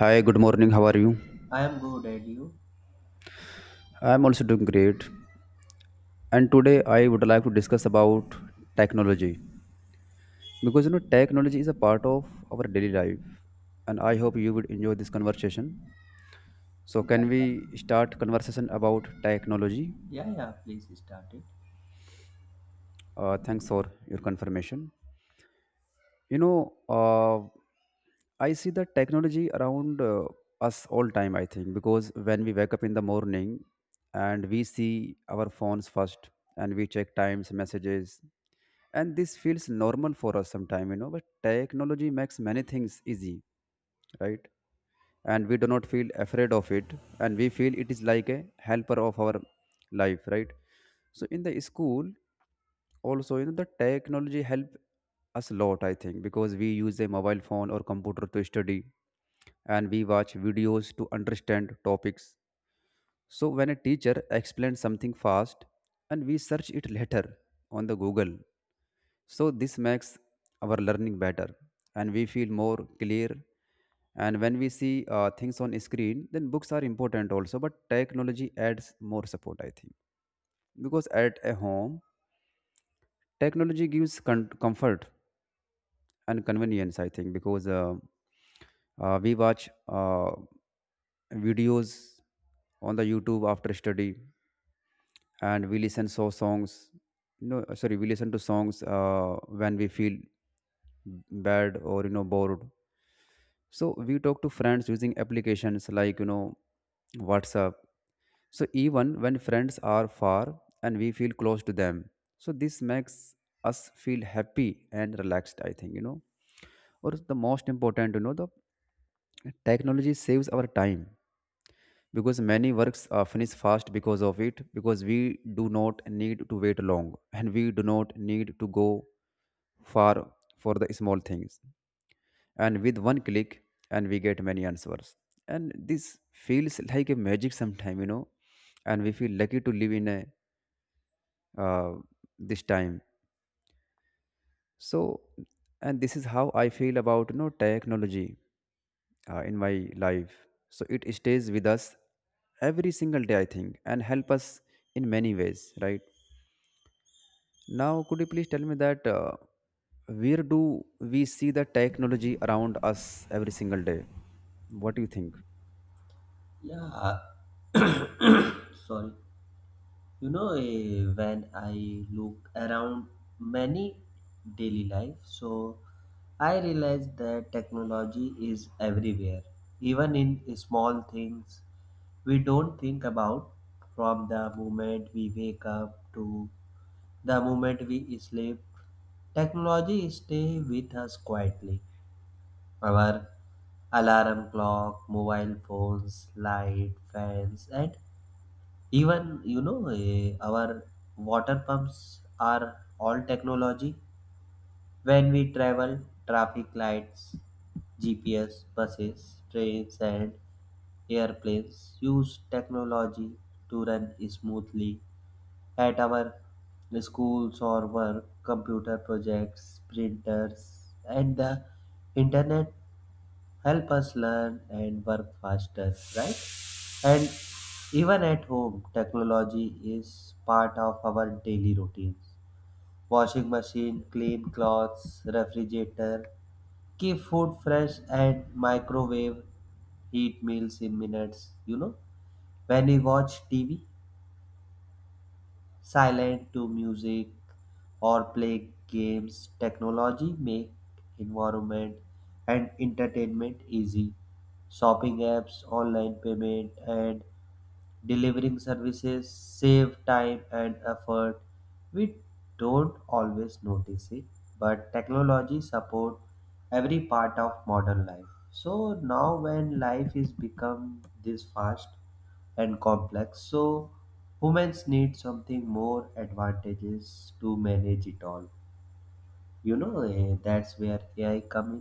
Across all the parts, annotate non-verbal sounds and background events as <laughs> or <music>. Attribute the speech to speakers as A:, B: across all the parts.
A: Hi, good morning. How are you?
B: I am good, and you?
A: I'm also doing great. And today I would like to discuss about technology because you know technology is a part of our daily life, and I hope you would enjoy this conversation. So can
B: Yeah,
A: we start conversation about technology?
B: yeah, please start it.
A: Thanks for your confirmation. you know uh, I see the technology around us all time, I think, because when we wake up in the morning and we see our phones first, and we check times messages, and this feels normal for us sometime, you know. But technology makes many things easy, right, and we do not feel afraid of it, and we feel it is like a helper of our life, right. So in the school also, you know, the technology help us a lot, I think, because we use a mobile phone or computer to study and we watch videos to understand topics. So when a teacher explains something fast and we search it later on the google, so this makes our learning better and we feel more clear. And when we see things on screen, then books are important also, but technology adds more support, I think. Because at a home, technology gives comfort and convenience, I think, because we watch videos on the YouTube after study, and we listen so songs no sorry we listen to songs when we feel bad or, you know, bored. So we talk to friends using applications like, WhatsApp. So even when friends are far and we feel close to them, so this makes us feel happy and relaxed, I think. Or the most important, you know, the technology saves our time because many works are finished fast because of it, because we do not need to wait long and we do not need to go far for the small things, and with one click and we get many answers, and this feels like a magic sometime, you know. And we feel lucky to live in a uh, this time. So and this is how I feel about, you know, technology in my life. So it stays with us every single day, I think, and help us in many ways, right. Now could you please tell me that, where do we see the technology around us every single day? What do you think?
B: Yeah, sorry. When I look around many daily life, so I realize that technology is everywhere, even in small things we don't think about, from the moment we wake up to the moment we sleep. Technology stay with us quietly. Our alarm clock, mobile phones, light, fans, and even our water pumps are all technology. When we travel, traffic lights, GPS, buses, trains, and airplanes use technology to run smoothly. At our schools or work, computer projects, printers, and the internet help us learn and work faster, right? And even at home, technology is part of our daily routines. Washing machine, clean clothes, refrigerator, keep food fresh, and microwave heat meals in minutes. When we watch tv, silent to music, or play games, technology make environment and entertainment easy. Shopping apps, online payment, and delivering services save time and effort. We don't always notice it, but technology support every part of modern life. So now when life is become this fast and complex, so humans need something more advantageous to manage it all. That's where AI come in.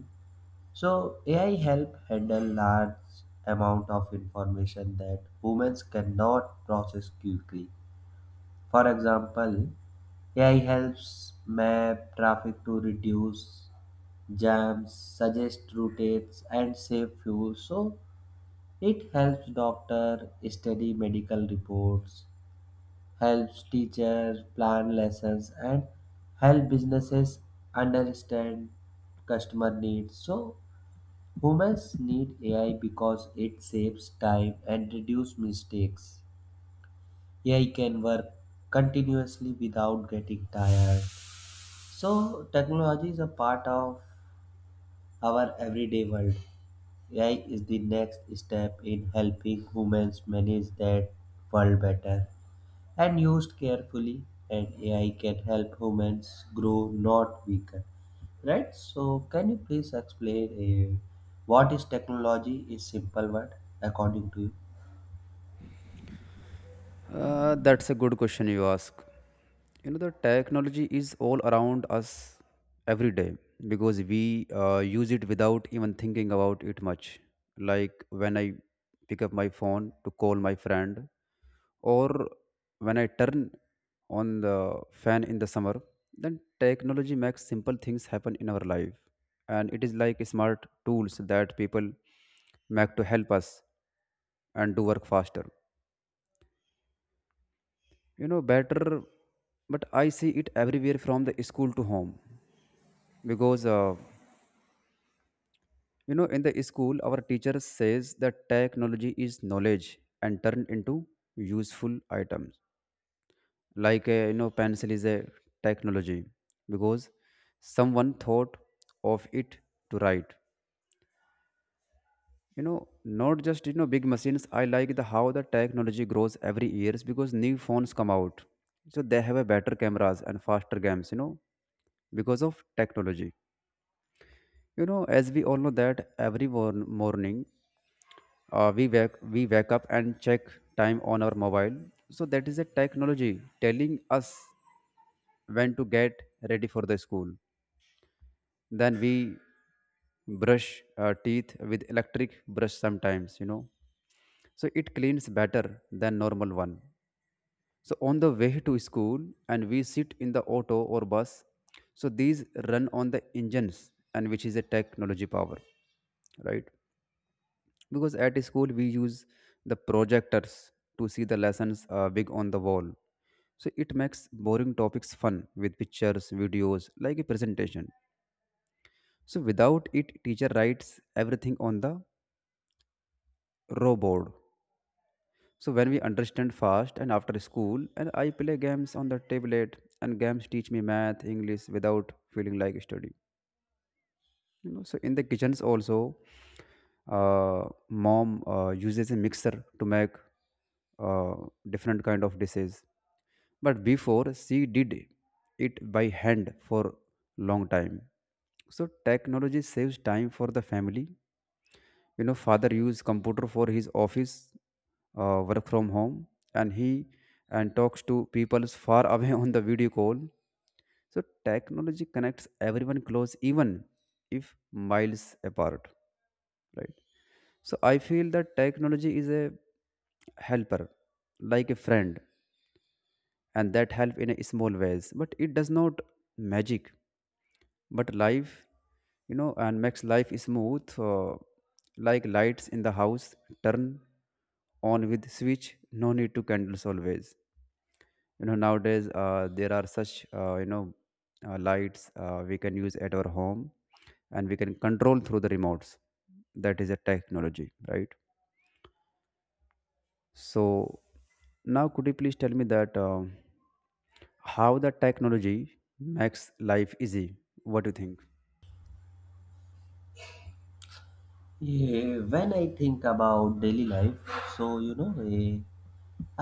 B: So AI help handle large amount of information that humans cannot process quickly. For example, AI helps map traffic to reduce jams, suggest routes, and save fuel. So it helps doctor study medical reports, helps teachers plan lessons, and help businesses understand customer needs. So humans need AI because it saves time and reduce mistakes. AI can work continuously without getting tired. So technology is a part of our everyday world. AI is the next step in helping humans manage that world better. And used carefully, and ai can help humans grow, not weaken, right? So can you please explain what is technology is simple word according to you?
A: That's a good question you ask. You know, the technology is all around us every day because we use it without even thinking about it much. Like when I pick up my phone to call my friend, or when I turn on the fan in the summer, then technology makes simple things happen in our life. And it is like smart tools that people make to help us and do work faster, you know, better. But I see it everywhere from the school to home, because you know, in the school our teacher says that technology is knowledge and turned into useful items, like you know, pencil is a technology because someone thought of it to write, you know, not just, you know, big machines. I like the how the technology grows every years because new phones come out, so they have a better cameras and faster games, you know, because of technology. You know, as we all know that every morning we wake up and check time on our mobile, so that is a technology telling us when to get ready for the school. Then we brush teeth with electric brush sometimes, you know, so it cleans better than normal one. So on the way to school, and we sit in the auto or bus, so these run on the engines and which is a technology power, right. Because at school we use the projectors to see the lessons big on the wall, so it makes boring topics fun with pictures videos like a presentation. So without it teacher writes everything on the row board. So when we understand fast, and after school and I play games on the tablet, and games teach me math, English without feeling like study. You know, so in the kitchens also, mom uses a mixer to make uh, different kind of dishes. But before she did it by hand for long time. So technology saves time for the family. You know, father used computer for his office work from home, and he and talks to people far <laughs> away on the video call. So technology connects everyone close even if miles apart, right. So I feel that technology is a helper like a friend, and that help in a small ways, but it does not magic but life, you know, and makes life smooth. Like lights in the house turn on with switch, no need to candles always. You know, nowadays there are such lights we can use at our home, and we can control through the remotes. That is a technology, right. So now could you please tell me that, how the technology makes life easy? What do you think?
B: Yeah, When I think about daily life, so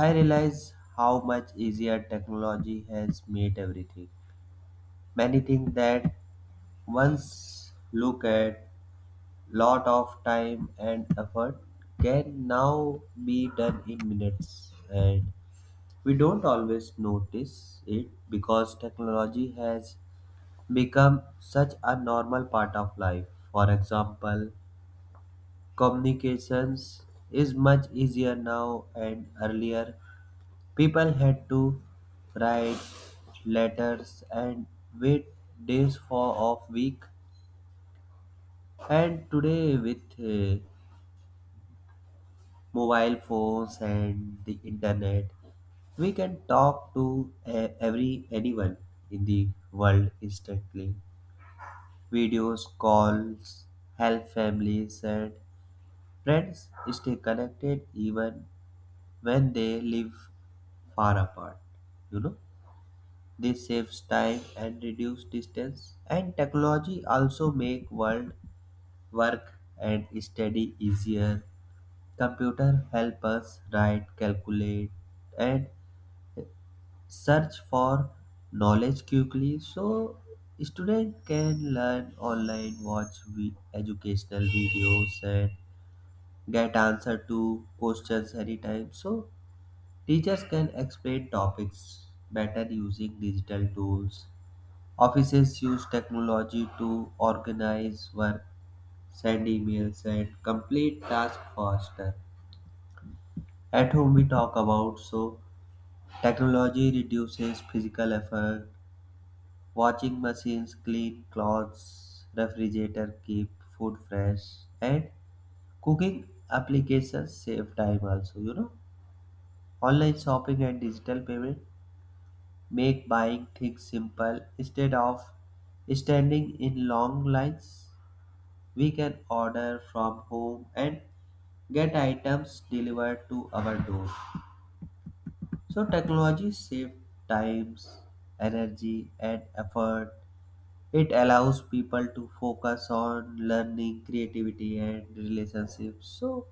B: I realize how much easier technology has made everything. Many things that once look at lot of time and effort can now be done in minutes, and we don't always notice it because technology has become such a normal part of life. For example, communications is much easier now, and earlier people had to write letters and wait days for off week. And today, with mobile phones and the internet, we can talk to every anyone in the world instantly. Videos, calls, help families and friends stay connected even when they live far apart, you know. This saves time and reduce distance. And technology also make world work and study easier. Computer help us write, calculate, and search for knowledge quickly. So student can learn online, watch educational videos, and get answer to questions anytime. So teachers can explain topics better using digital tools. Offices use technology to organize work, send emails, and complete tasks faster. At home, we talk about, so technology reduces physical effort. Washing machines clean clothes, refrigerator keep food fresh, and cooking applications save time also. You know, online shopping and digital payment make buying things simple instead of standing in long lines. We can order from home and get items delivered to our door. So technology saves times, energy, and effort. It allows people to focus on learning, creativity, and relationships. So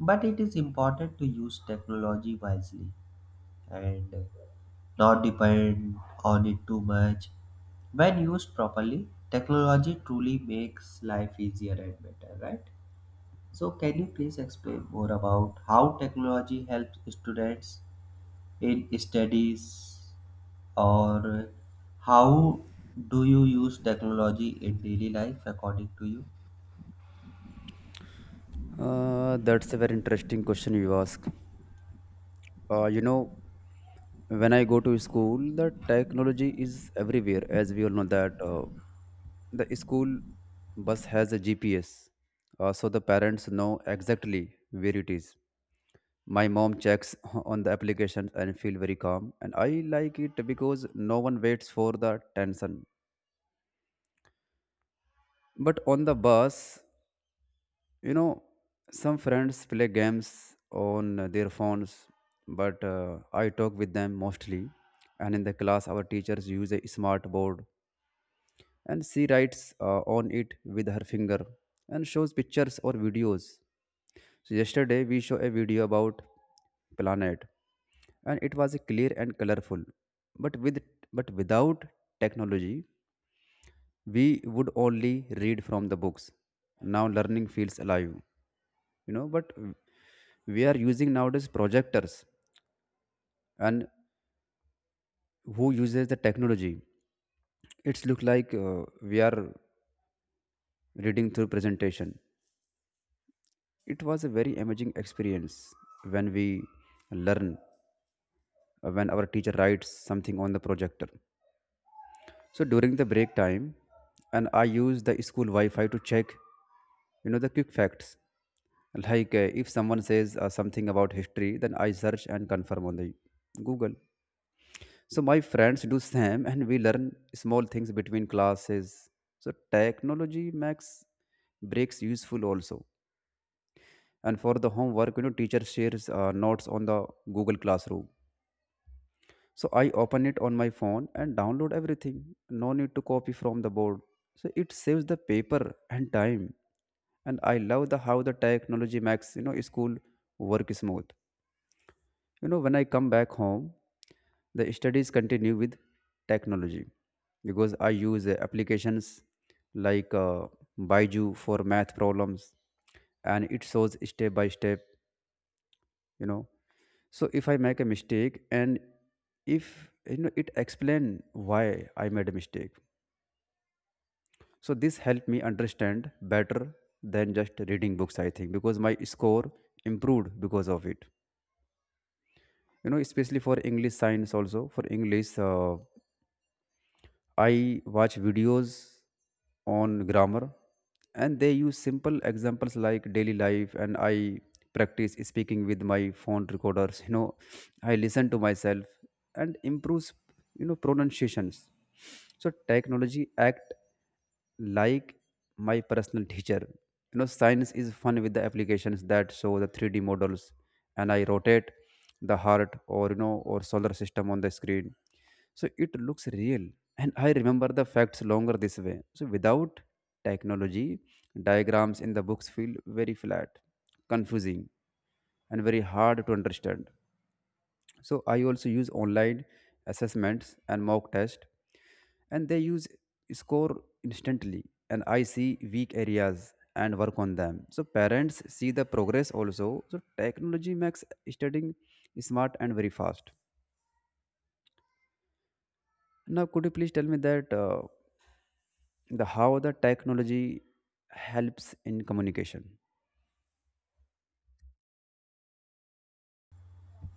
B: but it is important to use technology wisely and not depend on it too much. When used properly, technology truly makes life easier and better, right? So, can you please explain more about how technology helps students in studies, or how do you use technology in daily life according to you?
A: That's a very interesting question you ask. You know, when I go to school, the technology is everywhere. As we all know that the school bus has a GPS, so the parents know exactly where it is. My mom checks <laughs> on the applications and feel very calm, and I like it because no one waits for the tension. But on the bus, you know, some friends play games on their phones, but I talk with them mostly. And in the class, our teachers use a smart board, and she writes on it with her finger and shows pictures or videos. So yesterday, we saw a video about planet, and it was clear and colorful. But with but without technology, we would only read from the books. Now learning feels alive, you know. But we are using nowadays projectors, and who uses the technology, it's look like we are reading through presentation. It was a very amazing experience when we learn, when our teacher writes something on the projector. So during the break time, and I use the school wi-fi to check, you know, the quick facts, like if someone says something about history, then I search and confirm on the google. So my friends do same, and we learn small things between classes. So technology makes breaks useful also. And for the homework, you know, teacher shares notes on the Google Classroom. So I open it on my phone and download everything. No need to copy from the board. So it saves the paper and time. And I love the how the technology makes, you know, school work smooth. You know, when I come back home, the studies continue with technology because I use applications like Baiju for math problems, and it shows step by step, you know. So if I make a mistake, and if you know it explain why I made a mistake. So this helped me understand better than just reading books, I think, because my score improved because of it. You know, especially for English science also, for English I watch videos on grammar, and they use simple examples like daily life, and I practice speaking with my phone recorders. You know, I listen to myself and improves, you know, pronunciations. So technology act like my personal teacher. You know, science is fun with the applications that show the 3D models, and I rotate the heart or, you know, or solar system on the screen, so it looks real. And I remember the facts longer this way. So without technology, diagrams in the books feel very flat, confusing, and very hard to understand. So I also use online assessments and mock test, and they use score instantly, and I see weak areas and work on them. So parents see the progress also. So technology makes studying smart and very fast. Now, could you please tell me that? The how the technology helps in communication.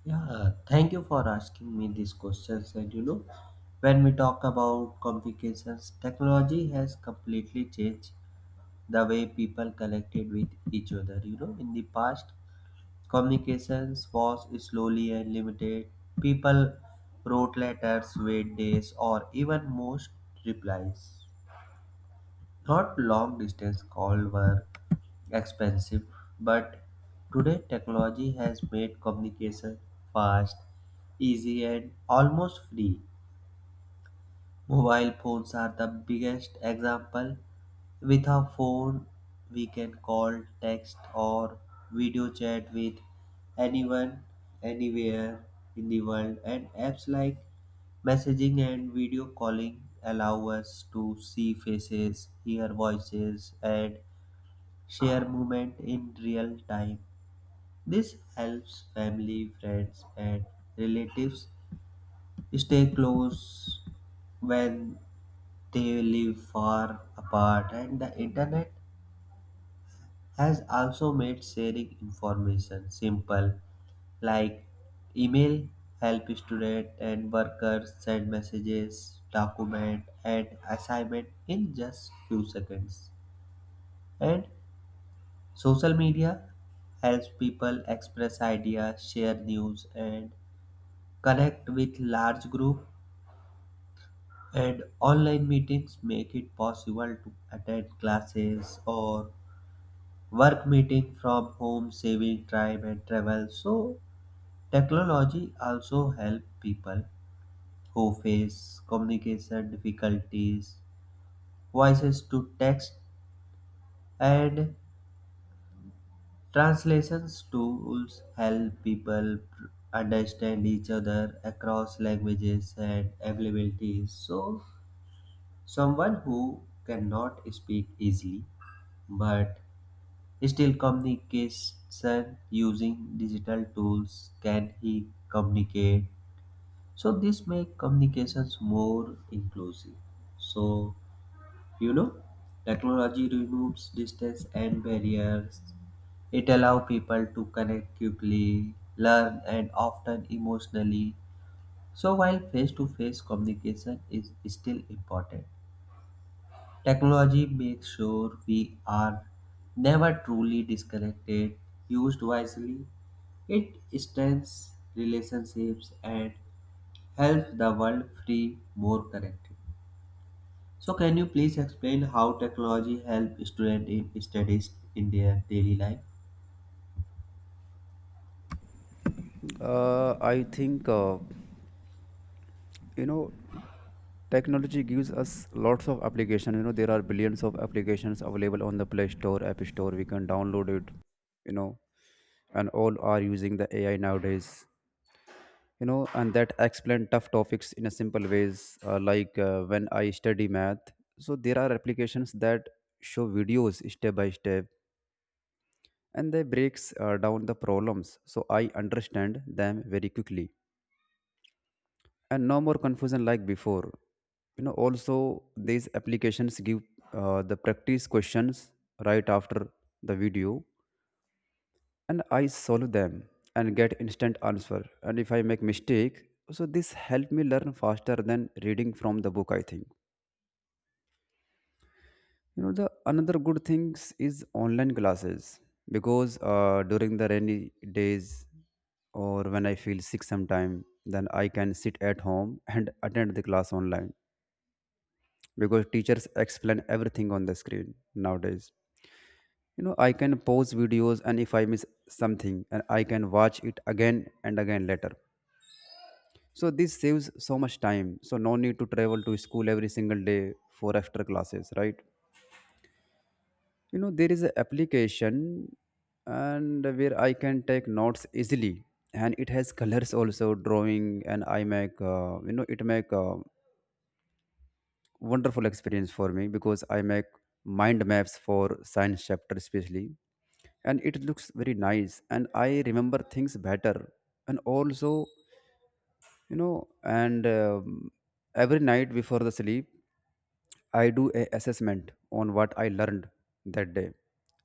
B: Yeah, thank you for asking me these questions. And you know, when we talk about complications, technology has completely changed the way people connected with each other. You know, in the past, communications was slowly and limited. People wrote letters, wait days, or even most replies. Not long distance calls were expensive, but today technology has made communication fast, easy, and almost free. Mobile phones are the biggest example. With a phone, we can call, text, or video chat with anyone, anywhere in the world. And apps like messaging and video calling allow us to see faces, hear voices, and share movement in real time. This helps family, friends, and relatives stay close when they live far apart. And the internet has also made sharing information simple, like email help student and workers send messages, document, and assignment in just few seconds. And social media helps people express ideas, share news, and connect with large group. And online meetings make it possible to attend classes or work meeting from home, saving time and travel. So technology also help people who face communication difficulties. Voices to text and translations tools help people understand each other across languages and availabilities. So someone who cannot speak easily but still, communication using digital tools can he communicate? So this make communications more inclusive. So you know, technology removes distance and barriers. It allows people to connect quickly, learn, and often emotionally. So while face-to-face communication is still important, technology makes sure we are never truly disconnected. Used wisely, it strengthens relationships and helps the world feel more connected. So, can you please explain how technology helps students in studies in their daily life?
A: I think you know technology gives us lots of application. There are billions of applications available on the Play Store, App Store. We can download it. you know and all are using the AI nowadays, and that explain tough topics in a simple ways, like when I study math. So there are applications that show videos step by step, and they breaks down the problems, so I understand them very quickly, and no more confusion like before. Also, these applications give the practice questions right after the video, and I solve them and get instant answer. And if I make mistake, so this help me learn faster than reading from the book, I think. The another good things is online classes because during the rainy days or when I feel sick sometime, then I can sit at home and attend the class online because teachers explain everything on the screen nowadays. I can pause videos, and if I miss something, and I can watch it again and again later. So this saves so much time. So no need to travel to school every single day for extra classes, right? There is an application and where I can take notes easily, and it has colors also, drawing. And I make, it make a wonderful experience for me because I make mind maps for science chapter especially, and it looks very nice, and I remember things better. And also, you know and every night before the sleep, I do a assessment on what I learned that day.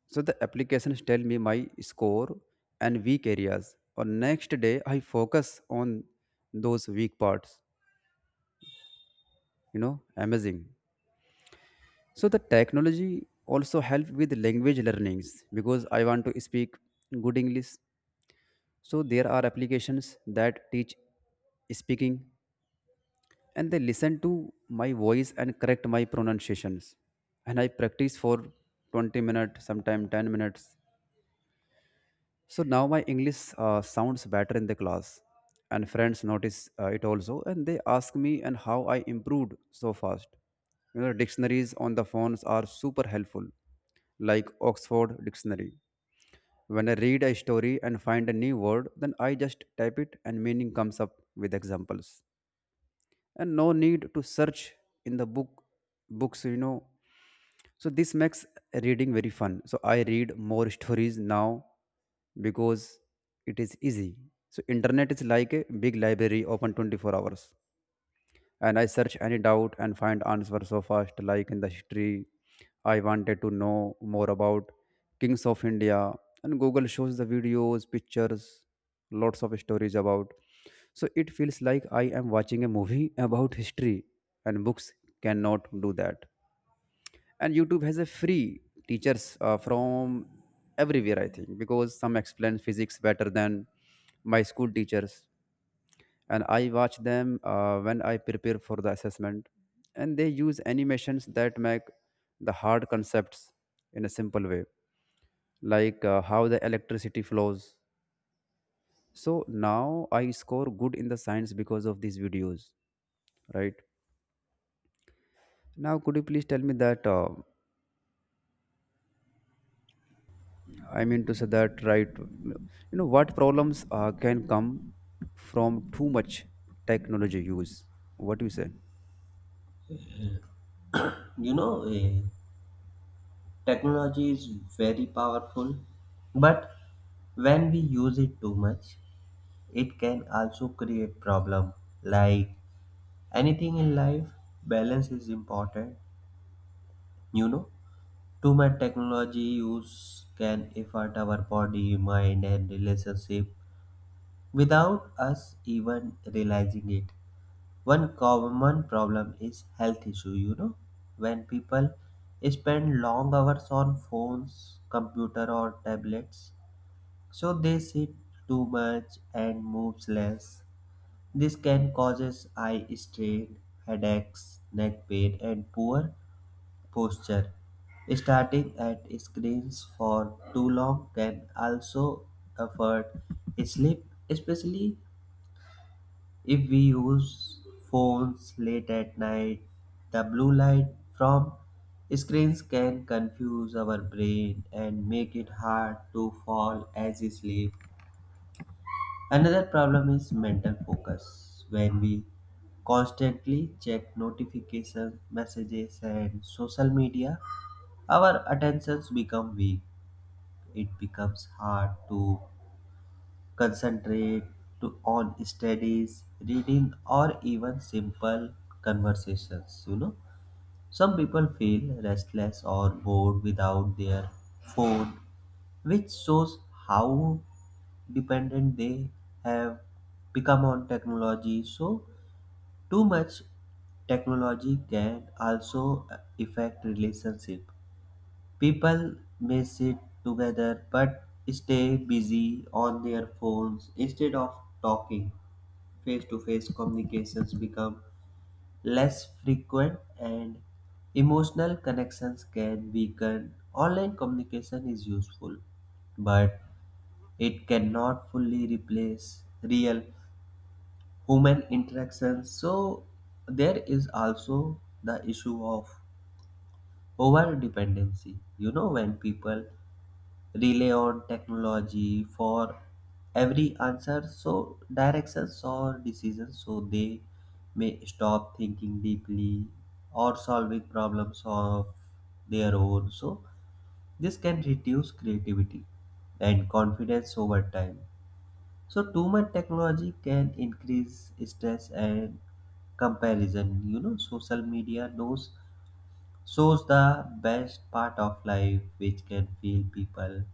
A: So the applications tell me my score and weak areas. On next day, I focus on those weak parts. You know, amazing. So the technology also help with language learnings because I want to speak good English. So there are applications that teach speaking, and they listen to my voice and correct my pronunciations. And I practice for 20 minutes, sometimes 10 minutes. So now my English sounds better in the class, and friends notice it also, and they ask me and how I improved so fast. You know, dictionaries on the phones are super helpful, like Oxford Dictionary. When I read a story and find a new word, then I just type it, and meaning comes up with examples, and no need to search in the books. So this makes reading very fun, so I read more stories now because it is easy. So internet is like a big library open 24 hours, and I search any doubt and find answer so fast. Like in the history, I wanted to know more about kings of India, and Google shows the videos, pictures, lots of stories about. So it feels like I am watching a movie <laughs> about history, and books cannot do that. And YouTube has a free teachers from everywhere, I think, because some explain physics better than my school teachers. And I watch them when I prepare for the assessment. And they use animations that make the hard concepts in a simple way, like how the electricity flows. So now I score good in the science because of these videos, right? Now, could you please tell me that? I mean to say that, right? You know, what problems can come from too much technology use? What do you say?
B: You know, eh, Technology is very powerful, but when we use it too much, it can also create problem. Like anything in life, balance is important. You know, too much technology use can affect our body, mind, and relationship without us even realizing it. One common problem is health issue. You know, when people spend long hours on phones, computer, or tablets, so they sit too much and moves less. This can causes eye strain, headaches, neck pain, and poor posture. Starting at screens for too long can also affect sleep, especially if we use phones late at night. The blue light from screens can confuse our brain and make it hard to fall as sleep. Another problem is mental focus. When we constantly check notifications, messages, and social media, our attentions become weak. It becomes hard to concentrate to on studies, reading, or even simple conversations. You know, some people feel restless or bored without their phone, which shows how dependent they have become on technology. So too much technology can also affect relationship. People may sit together but stay busy on their phones instead of talking. Face to face communications become less frequent and emotional connections can weaken. Online communication is useful, but it cannot fully replace real human interactions. So, there is also the issue of over dependency. You know, when people rely on technology for every answer, so directions or decisions, so they may stop thinking deeply or solving problems of their own. So this can reduce creativity and confidence over time. So too much technology can increase stress and comparison. You know, social media knows shows the best part of life, which can feel people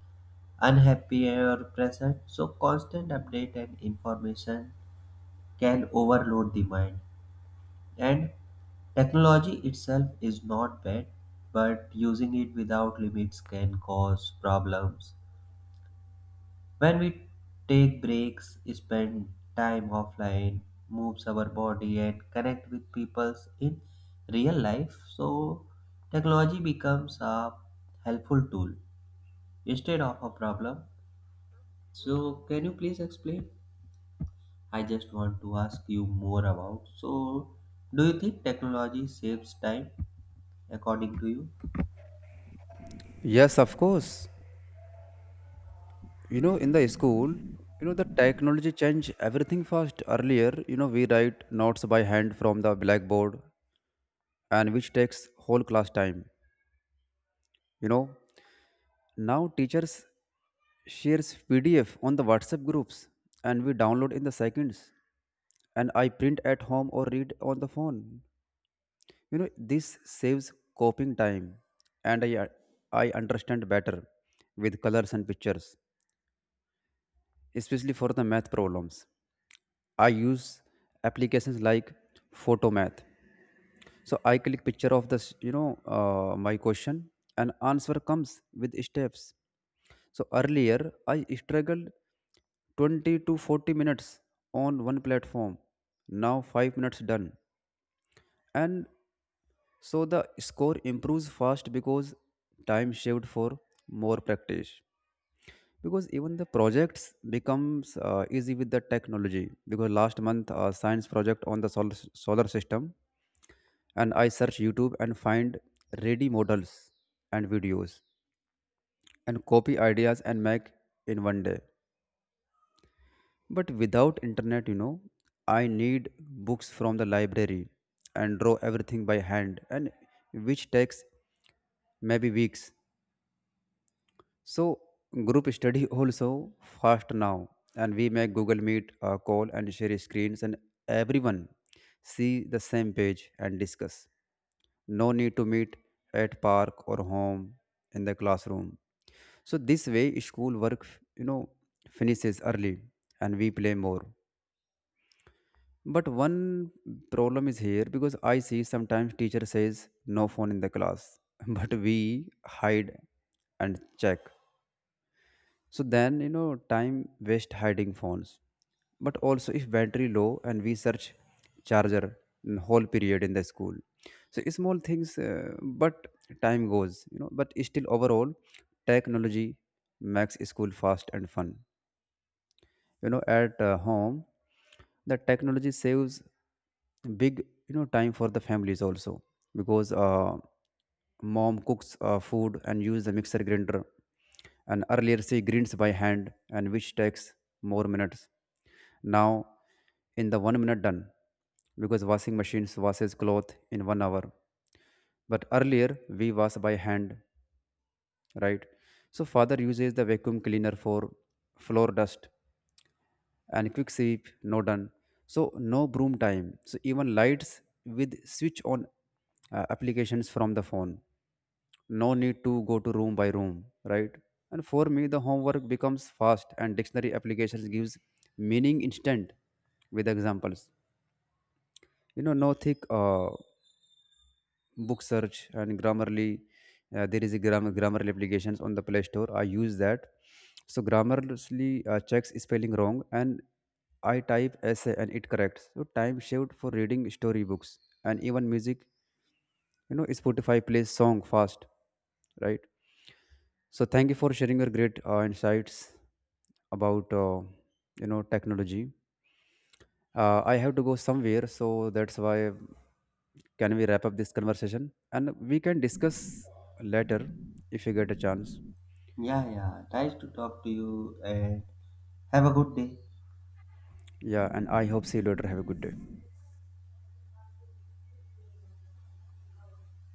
B: unhappy or present. So constant update and information can overload the mind. And technology itself is not bad, but using it without limits can cause problems. When we take breaks, spend time offline, moves our body and connect with peoples in real life. So technology becomes a helpful tool instead of a problem. So can you please explain? I just want to ask you more about. So, do you think technology saves time according to you?
A: Yes, of course. In the school, the technology changed everything fast. Earlier, we write notes by hand from the blackboard, and which takes whole class time. you know Now teachers shares PDF on the WhatsApp groups, and we download in the seconds, and I print at home or read on the phone. This saves copying time, and I understand better with colors and pictures, especially for the math problems. I use applications like Photomath. So I click picture of this, my question, and answer comes with steps. So earlier I struggled 20 to 40 minutes on one platform. Now 5 minutes done. And so the score improves fast because time saved for more practice because even the projects becomes easy with the technology because last month a science project on the solar system, and I search YouTube and find ready models and videos and copy ideas and make in one day. But without internet, you know, I need books from the library and draw everything by hand, and which takes maybe weeks. So group study also fast now, and we make Google Meet call and share screens, and everyone see the same page and discuss. No need to meet at park or home in the classroom. So this way, school work, you know finishes early, and we play more. But one problem is here because I see sometimes teacher says no phone in the class, <laughs> but we hide and check. So then, you know, time waste hiding phones. But also, if battery low, and we search charger in whole period in the school. So small things, but time goes, you know. But still, overall, technology makes school fast and fun. At home, the technology saves big, you know, time for the families also because mom cooks food and use the mixer grinder. And earlier she grinds by hand, and which takes more minutes. Now in the 1 minute done because washing machines washes cloth in 1 hour. But earlier we wash by hand, right? So father uses the vacuum cleaner for floor dust, and quick sweep no done. So no broom time. So even lights with switch on applications from the phone. No need to go to room by room, right? And for me, the homework becomes fast, and dictionary applications gives meaning instant with examples. You know, no thick book search. And grammarly, there is a grammarly applications on the Play Store. I use that. So grammarly checks spelling wrong, and I type essay and it corrects. So time saved for reading storybooks. And even music, you know, Spotify plays song fast, right? So thank you for sharing your great insights about technology. I have to go somewhere, so that's why can we wrap up this conversation, and we can discuss later if you get a chance.
B: Yeah, yeah. Nice to talk to you and have a good day.
A: Yeah, and I hope see you later. Have a good day.